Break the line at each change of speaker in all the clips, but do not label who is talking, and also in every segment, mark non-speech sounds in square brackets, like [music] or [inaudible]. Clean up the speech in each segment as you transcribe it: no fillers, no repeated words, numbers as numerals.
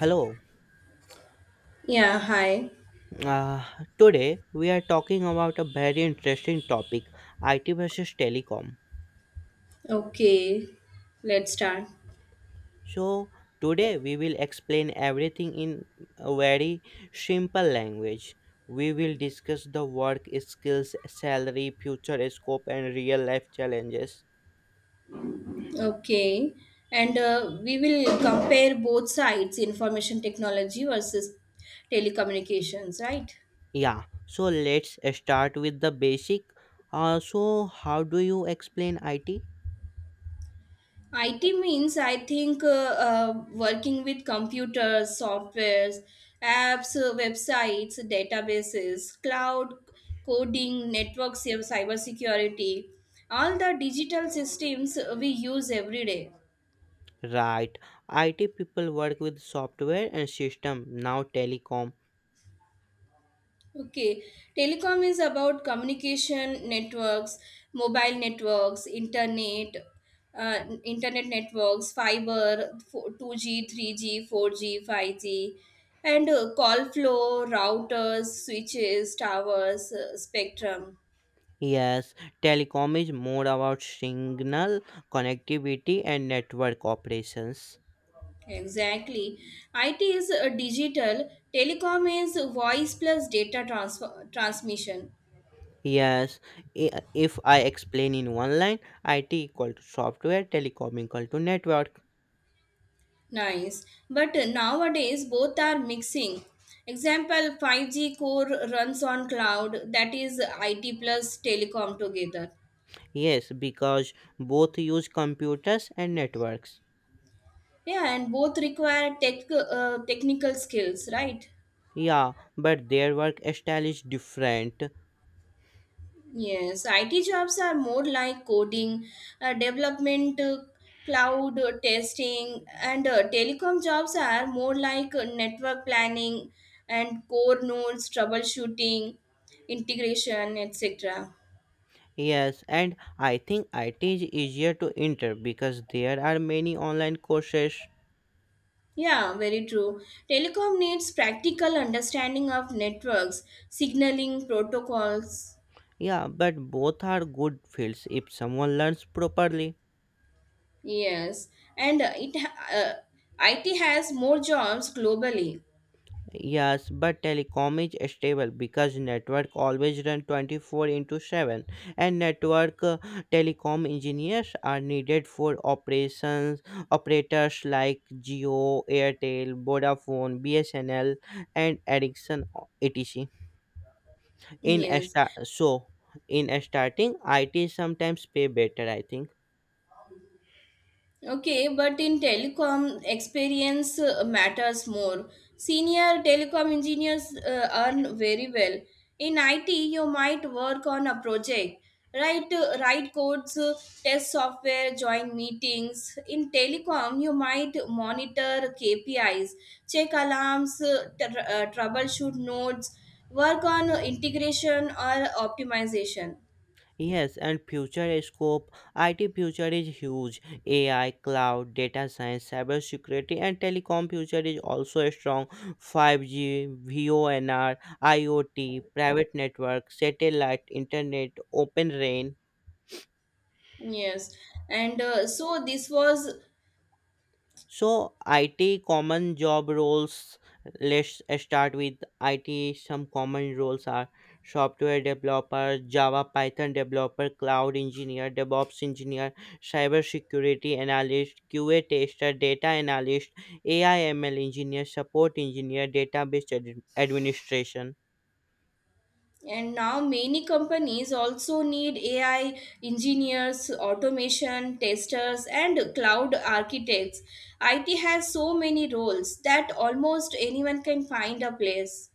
Hello.
Yeah, hi.
Uh, Today we are talking about a very interesting topic, IT versus telecom.
Okay, let's start.
So today we will explain everything in a very simple language. We will discuss the work skills, salary, future scope, and real life challenges.
Okay, and we will compare both sides information technology versus telecommunications, right?
Yeah. So let's start with the basic. So how do you explain IT?
IT means, I think, working with computers, softwares, apps, websites, databases, cloud coding, networks, cyber security, all the digital systems we use every day.
Right. IT people work with software and system. Now telecom.
Okay, telecom is about communication networks, mobile networks, internet networks, fiber, 2G, 3G, 4G, 5G, and call flow, routers, switches, towers, spectrum.
Yes, telecom is more about signal connectivity and network operations.
Exactly. IT is digital, telecom is voice plus data transfer transmission.
Yes, if I explain in one line, IT equal to software, telecom equal to network.
Nice. But nowadays both are mixing. Example, 5G core runs on cloud, that is IT plus telecom together.
Yes, because both use computers and networks.
Yeah, and both require technical skills, right?
Yeah, but their work style is different.
Yes, IT jobs are more like coding, development, cloud testing, and telecom jobs are more like network planning and core nodes, troubleshooting, integration, etc.
Yes, and I think IT is easier to enter because there are many online courses.
Yeah, very true. Telecom needs practical understanding of networks, signaling protocols.
Yeah, but both are good fields if someone learns properly.
Yes, and IT has more jobs globally.
Yes, but telecom is stable because network always run 24 into 7, and network telecom engineers are needed for operations operators like Geo, Airtel, Vodafone, BSNL, and Ericsson, etc. In a
Yes.
sta- so in a starting, IT sometimes pay better, I think.
Okay, but in telecom, experience matters more. Senior telecom engineers earn very well. In IT, you might work on a project, write codes, test software, join meetings. In telecom, you might monitor KPIs, check alarms, troubleshoot nodes, work on integration or optimization.
Yes, and future scope, IT future is huge. AI, cloud, data science, cybersecurity, and telecom future is also strong. 5G, VONR, IoT, private network, satellite, internet, open RAN.
Yes, and so this was.
So, IT common job roles. Let's start with IT. Some common roles are software developer, Java, Python developer, cloud engineer, DevOps engineer, cybersecurity analyst, QA tester, data analyst, AI ML engineer, support engineer, database administration.
And now many companies also need AI engineers, automation testers, and cloud architects. IT has so many roles that almost anyone can find a place.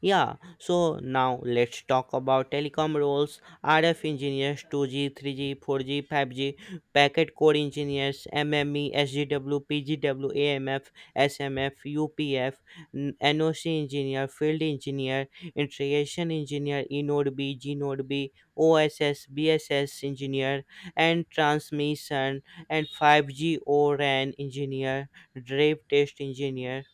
Yeah, so now let's talk about telecom roles: RF engineers, 2G, 3G, 4G, 5G, packet core engineers, MME, SGW, PGW, AMF, SMF, UPF, NOC engineer, field engineer, integration engineer, eNode B, GNode B, OSS, BSS engineer, and transmission, and 5G ORAN engineer, drive test engineer.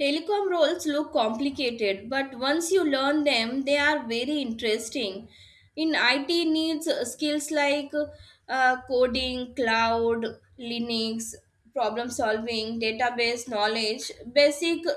Telecom roles look complicated, but once you learn them, they are very interesting. In IT needs skills like coding, cloud, Linux, problem solving, database knowledge, basic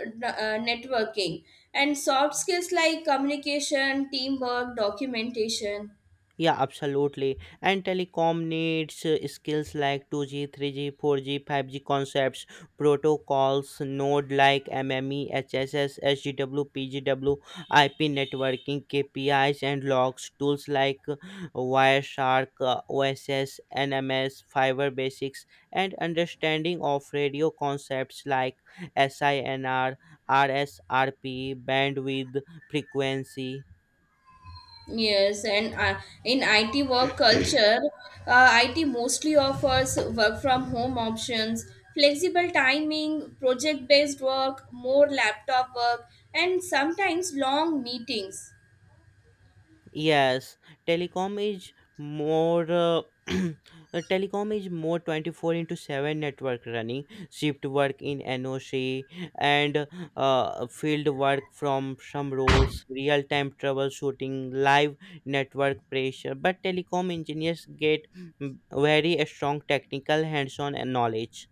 networking, and soft skills like communication, teamwork, documentation.
Yeah, absolutely. And telecom needs skills like 2G, 3G, 4G, 5G concepts, protocols, node like MME, HSS, SGW, PGW, IP networking, KPIs, and logs, tools like Wireshark, OSS, NMS, Fiber Basics, and understanding of radio concepts like SINR, RSRP, bandwidth, frequency.
Yes, and in IT work culture, IT mostly offers work from home options, flexible timing, project based work, more laptop work, and sometimes long meetings.
Yes, telecom is more. [clears throat] Uh, telecom is more 24 into 7, network running, shift work in NOC, and field work from some roles, real time troubleshooting, live network pressure, but telecom engineers get very strong technical hands on knowledge.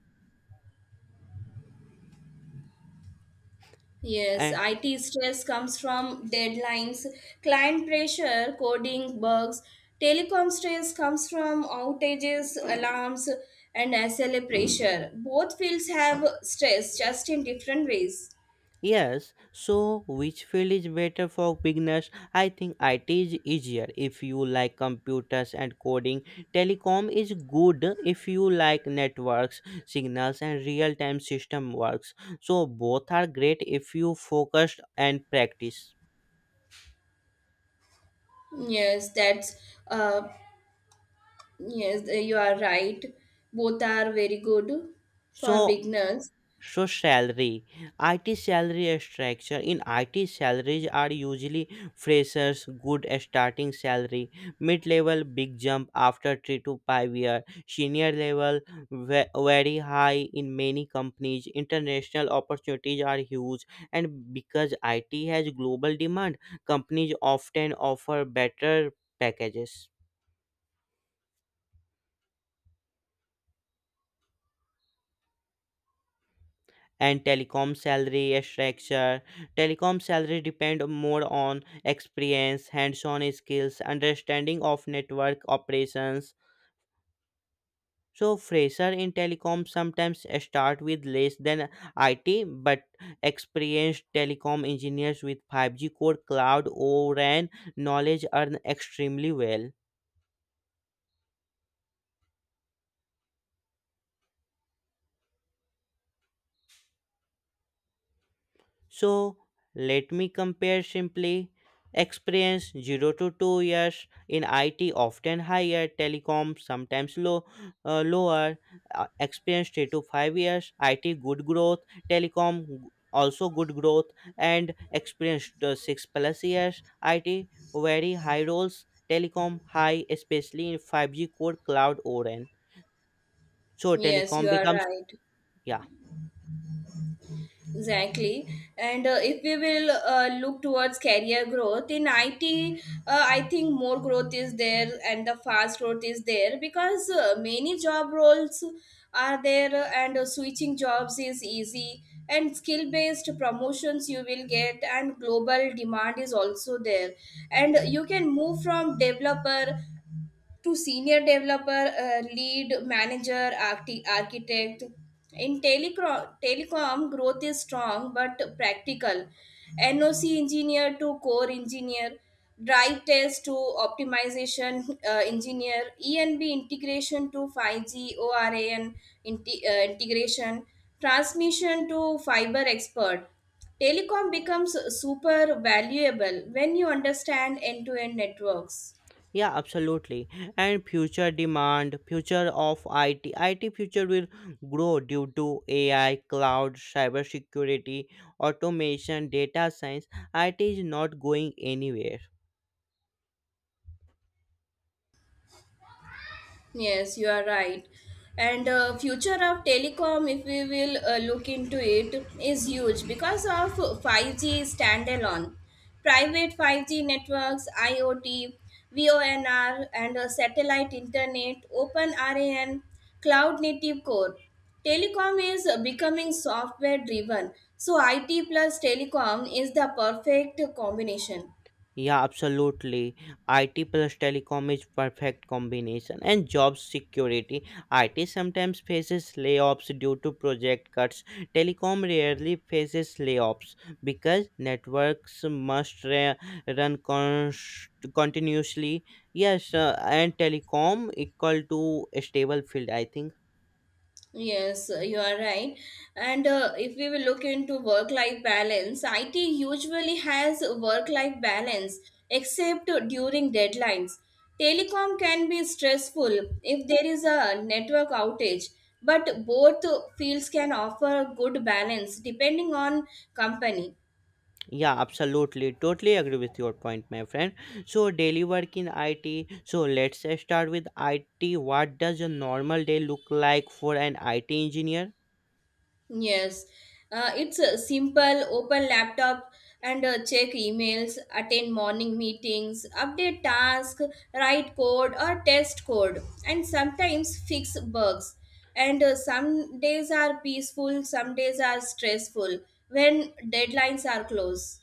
Yes, IT stress comes from deadlines, client pressure, coding bugs. Telecom stress comes from outages, alarms, and SLA pressure. Both fields have stress just in different ways.
Yes, so which field is better for beginners? I think IT is easier if you like computers and coding. Telecom is good if you like networks, signals, and real time system works. So both are great if you focus and practice.
Yes, that's uh yes, you are right. Both are very good
So
for beginners.
So, salary, IT salary structure. In IT, salaries are usually freshers, good starting salary, mid level, big jump after 3 to 5 year, senior level, very high in many companies. International opportunities are huge, and because IT has global demand, companies often offer better packages. And telecom salary structure. Telecom salary depend more on experience, hands-on skills, understanding of network operations. So fresher in telecom sometimes start with less than IT, but experienced telecom engineers with 5G core, cloud, O RAN knowledge earn extremely well. So let me compare simply. Experience 0 to 2 years in IT often higher, telecom sometimes lower. Experience 3 to 5 years, IT good growth, telecom also good growth, and experience 6 plus years, IT very high roles, telecom high, especially in 5G core cloud ORAN. So
Yes, you
telecom
are
becomes,
right.
yeah,
Exactly. And if we will look towards career growth in IT, I think more growth is there and the fast growth is there because many job roles are there, and switching jobs is easy and skill based promotions you will get and global demand is also there, and you can move from developer to senior developer, lead manager, architect. In telecom, growth is strong but practical. NOC engineer to core engineer, drive test to optimization engineer, ENB integration to 5 G, ORAN integration, transmission to fiber expert. Telecom becomes super valuable when you understand end to end networks.
yeah, absolutely. And future demand, future of IT, IT future will grow due to AI, cloud, cybersecurity, automation, data science. IT is not going anywhere.
Yes, you are right. And future of telecom, if we will look into it, is huge because of 5G standalone, private 5G networks, IoT, VONR, and satellite internet, open RAN, cloud native core. Telecom is becoming software driven, so IT plus telecom is the perfect combination.
Yeah, absolutely. IT plus telecom is perfect combination and job security. IT sometimes faces layoffs due to project cuts. Telecom rarely faces layoffs because networks must run continuously. Yes, and telecom equal to a stable field, I think.
Yes, you are right. And if we will look into work life balance, IT usually has work life balance except during deadlines. Telecom can be stressful if there is a network outage, but both fields can offer good balance depending on company.
Yeah, absolutely. Totally agree with your point, my friend. So, daily work in IT. So, let's start with IT. What does a normal day look like for an IT engineer?
Yes, it's a simple open laptop and check emails, attend morning meetings, update tasks, write code or test code, and sometimes fix bugs. And some days are peaceful, some days are stressful when deadlines are close.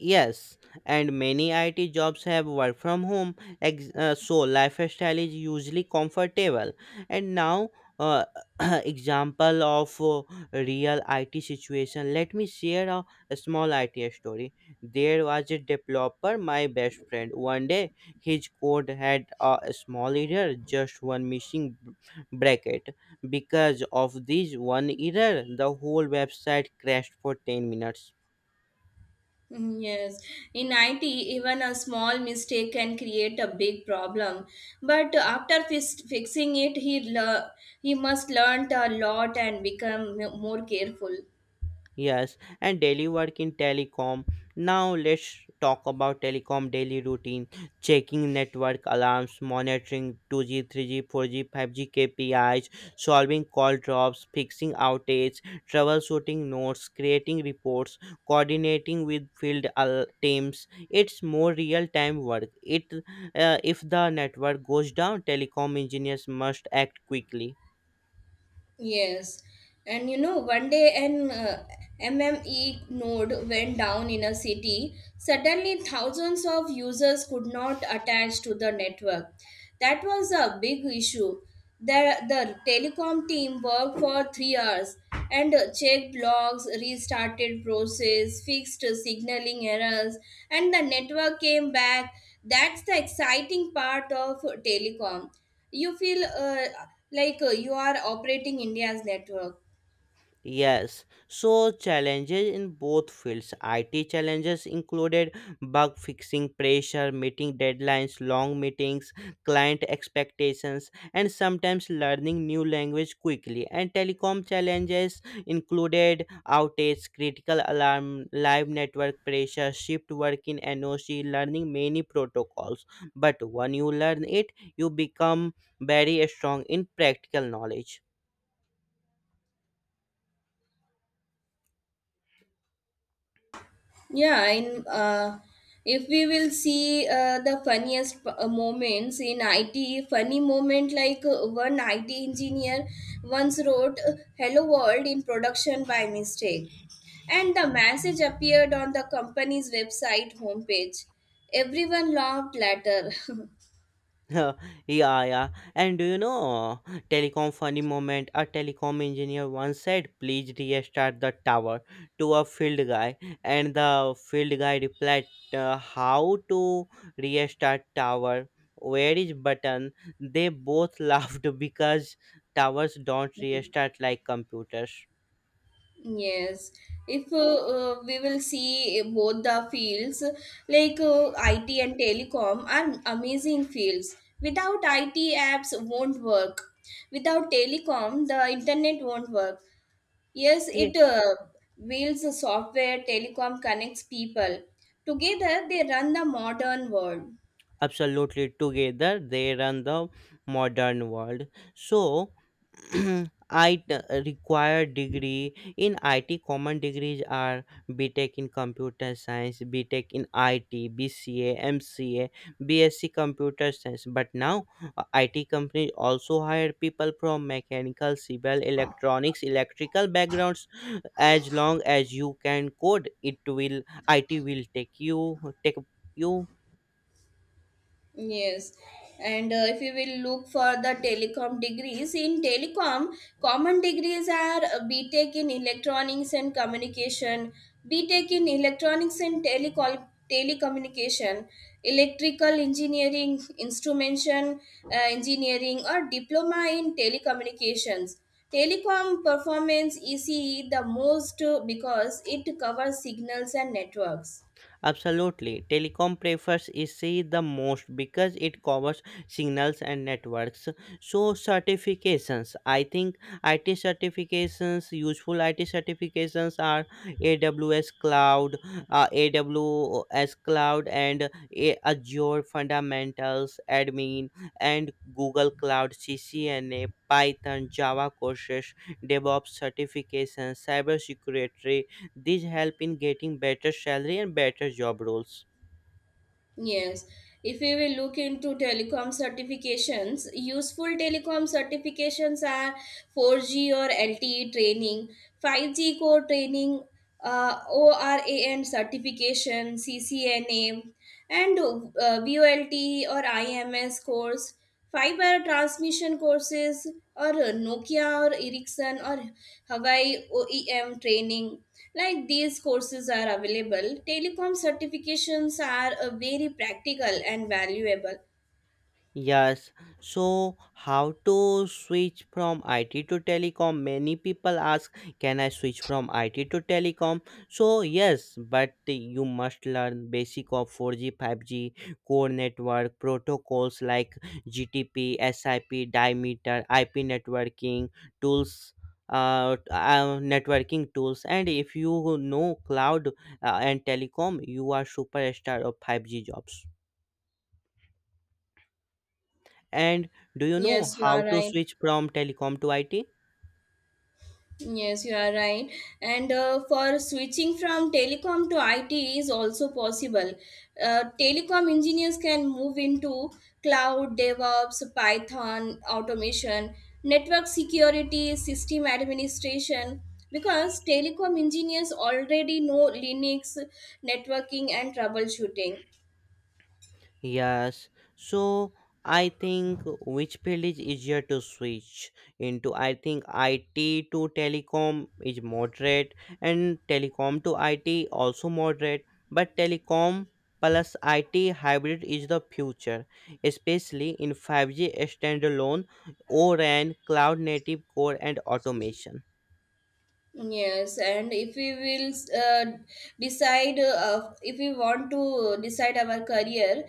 Yes, and many IT jobs have work from home, so lifestyle is usually comfortable. And now, uh, [clears throat] example of real IT situation. Let me share a small IT story. There was a developer, my best friend. One day, his code had a small error, just one missing bracket. Because of this one error, the whole website crashed for 10 minutes.
Mm. Yes, in IT, even a small mistake can create a big problem. But after fixing it, he must learn a lot and become more careful.
Yes, and daily work in telecom. Now let's talk about telecom daily routine: checking network alarms, monitoring 2G, 3G, 4G, 5G KPIs, solving call drops, fixing outage, troubleshooting notes, creating reports, coordinating with field teams. It's more real-time work. It If the network goes down, telecom engineers must act quickly.
Yes, and one day an MME node went down in a city. Suddenly, thousands of users could not attach to the network. That was a big issue. The telecom team worked for 3 hours and checked logs, restarted process, fixed signaling errors, and the network came back. That's the exciting part of telecom. You feel like you are operating India's network.
Yes, so challenges in both fields. IT challenges included bug fixing, pressure, meeting deadlines, long meetings, client expectations, and sometimes learning new language quickly. And telecom challenges included outage, critical alarm, live network pressure, shift work in NOC, learning many protocols. But when you learn it, you become very strong in practical knowledge.
Yeah, in uh, if we will see the funniest moments in IT. Funny moment, like one IT engineer once wrote hello world in production by mistake, and the message appeared on the company's website homepage. Everyone laughed later.
[laughs] Uh, yeah, yeah. And do you know, telecom funny moment? A telecom engineer once said, "Please restart the tower" to a field guy, and the field guy replied, "How to restart tower? Where is button?" They both [laughs] laughed because towers don't
[laughs]
restart like computers.
Yes, if we will see both the fields, like IT and telecom are amazing fields. Without IT, apps won't work. Without telecom, the internet won't work. Yes,
Yeah,
IT builds the software, telecom connects people. Together, they run the modern world.
absolutely. Together, they run the modern world. So. [clears throat] I required degree in IT. Common degrees are BTech in Computer Science, BTech in IT, BCA, MCA, BSc Computer Science. But now IT companies also hire people from mechanical, civil, electronics, electrical backgrounds. As long as you can code, IT will take you.
Yes, and if you will look for the telecom degrees, in telecom, common degrees are BTech in electronics and communication, BTech in electronics and telecommunication, electrical engineering, instrumentation engineering, or diploma in telecommunications. Telecom performance ECE the most because it covers signals and networks.
Absolutely. Telecom prefers EC the most because it covers signals and networks. So certifications, I think IT certifications, useful IT certifications are AWS Cloud, uh, AWS Cloud and Azure Fundamentals Admin and Google Cloud CCNA. Python, Java courses, DevOps certifications, cybersecurity, these help in getting better salary and better job roles.
Yes, if we will look into telecom certifications, useful telecom certifications are 4G or LTE training, 5G core training, ORAN certification, CCNA, and VOLTE or IMS course, Fiber transmission courses or Nokia or Ericsson or Hawaii OEM training. Like these courses are available, telecom certifications are very practical and valuable.
Yes, so how to switch from IT to telecom? Many people ask, can I switch from IT to telecom? So, yes, but you must learn basic of 4G, 5G, core network, protocols like GTP, SIP, diameter, IP networking, tools. Networking tools, and if you know cloud and telecom, you are superstar of 5G jobs. And do you know
Yes, you
how
are
to
right.
switch from telecom to IT?
Yes, you are right. And for switching from telecom to IT is also possible. Telecom engineers can move into cloud, DevOps, Python, automation, network security, system administration, because telecom engineers already know Linux, networking, and troubleshooting.
Yes. So I think, which field is easier to switch into? I think IT to telecom is moderate and telecom to IT also moderate, but telecom plus IT hybrid is the future, especially in 5G standalone, O RAN, cloud native core and automation.
Yes, and if we will uh, decide, if we want to decide our career,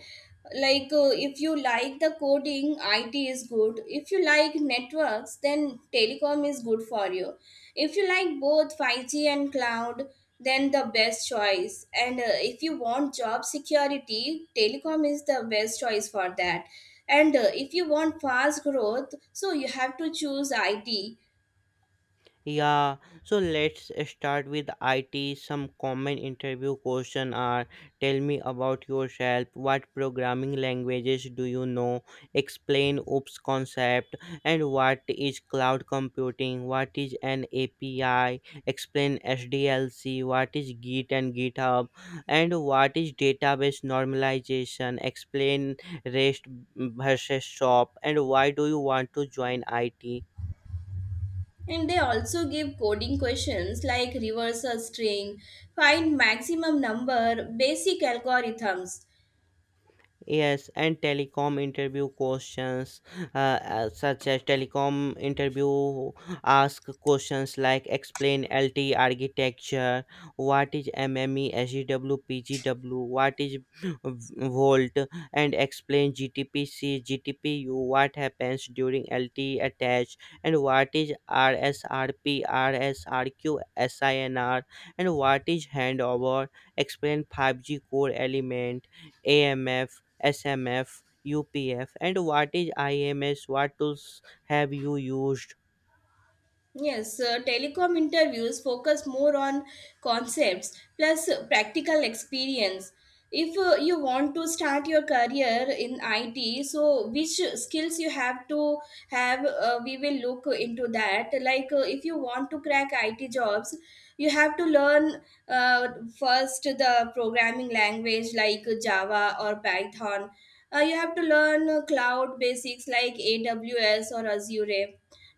like if you like the coding, IT is good. If you like networks, then telecom is good for you. If you like both 5G and cloud, then the best choice. And if you want job security, telecom is the best choice for that. And if you want fast growth, so you have to choose IT.
Yeah, so let's start with IT. Some common interview question are: tell me about yourself, what programming languages do you know, explain OOPS concept, and what is cloud computing, what is an API, explain SDLC, what is Git and GitHub, and what is database normalization, explain REST versus SOAP, and why do you want to join IT?
And they also give coding questions like reverse a string, find maximum number, basic algorithms.
Yes, and telecom interview questions, such as telecom interview ask questions like explain LTE architecture, what is MME, SGW, PGW, what is volt, and explain GTPC, GTPU, what happens during LTE attach, and what is RSRP, RSRQ, SINR, and what is handover, explain 5G core element, AMF, SMF, UPF, and what is IMS? What tools have you used?
Yes, telecom interviews focus more on concepts plus practical experience. If you want to start your career in IT, so which skills you have to have, we will look into that. Like if you want to crack IT jobs, you have to learn uh, first the programming language like Java or Python. You have to learn cloud basics like AWS or Azure,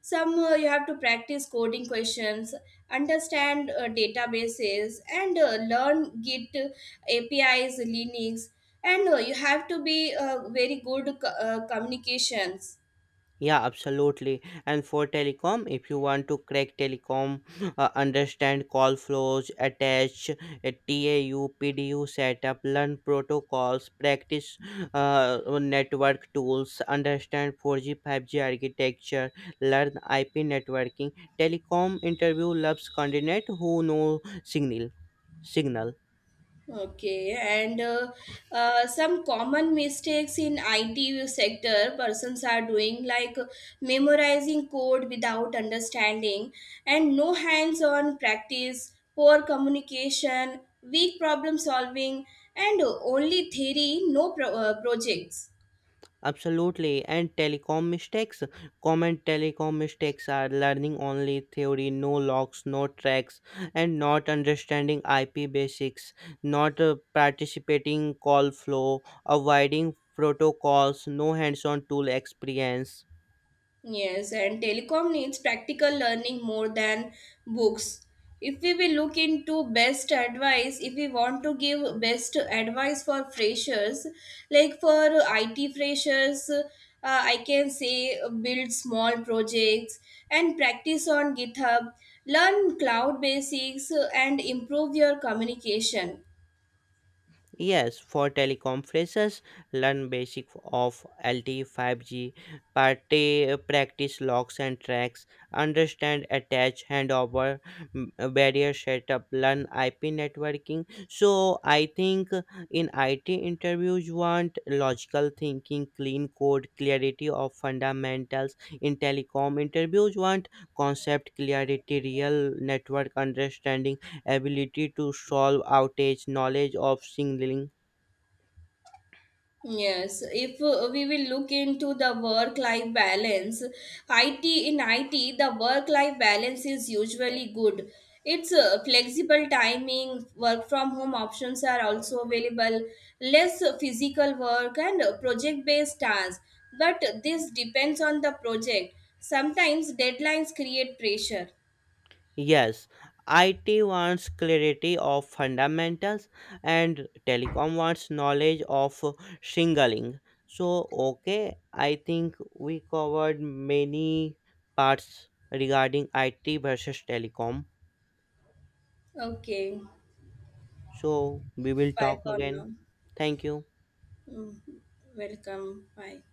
some you have to practice coding questions, understand databases, and learn git, APIs, linux, and you have to be very good communications.
Yeah, absolutely. And for telecom, if you want to crack telecom, understand call flows, attach a TAU, PDU setup, learn protocols, practice network tools, understand 4G, 5G architecture, learn IP networking. Telecom interview loves candidate who know signal.
Okay, and some common mistakes in IT sector persons are doing, like memorizing code without understanding and no hands-on practice, poor communication, weak problem solving, and only theory, no projects.
Absolutely, and telecom mistakes. Common telecom mistakes are learning only theory, no logs, no tracks, and not understanding IP basics, not participating call flow, avoiding protocols, no hands-on tool experience.
Yes, and telecom needs practical learning more than books. If we will look into best advice, if we want to give best advice for freshers, like for IT freshers, I can say build small projects and practice on GitHub, learn cloud basics, and improve your communication.
Yes, for telecom teleconferences, learn basic of LTE 5G, party, practice locks and tracks, understand attach handover, barrier setup, learn IP networking. So I think in IT interviews you want logical thinking, clean code, clarity of fundamentals. In telecom interviews you want concept clarity, real network understanding, ability to solve outage, knowledge of signaling.
Yes, if we will look into the work life balance, IT in IT, the work life balance is usually good. It's flexible timing, work from home options are also available, less physical work, and project based tasks. But this depends on the project. Sometimes deadlines create pressure.
Yes, IT wants clarity of fundamentals and telecom wants knowledge of signaling. So, okay, I think we covered many parts regarding IT versus telecom.
Okay,
So, we will
bye
talk
for now.
again. Thank you.
Mm. Welcome. Bye.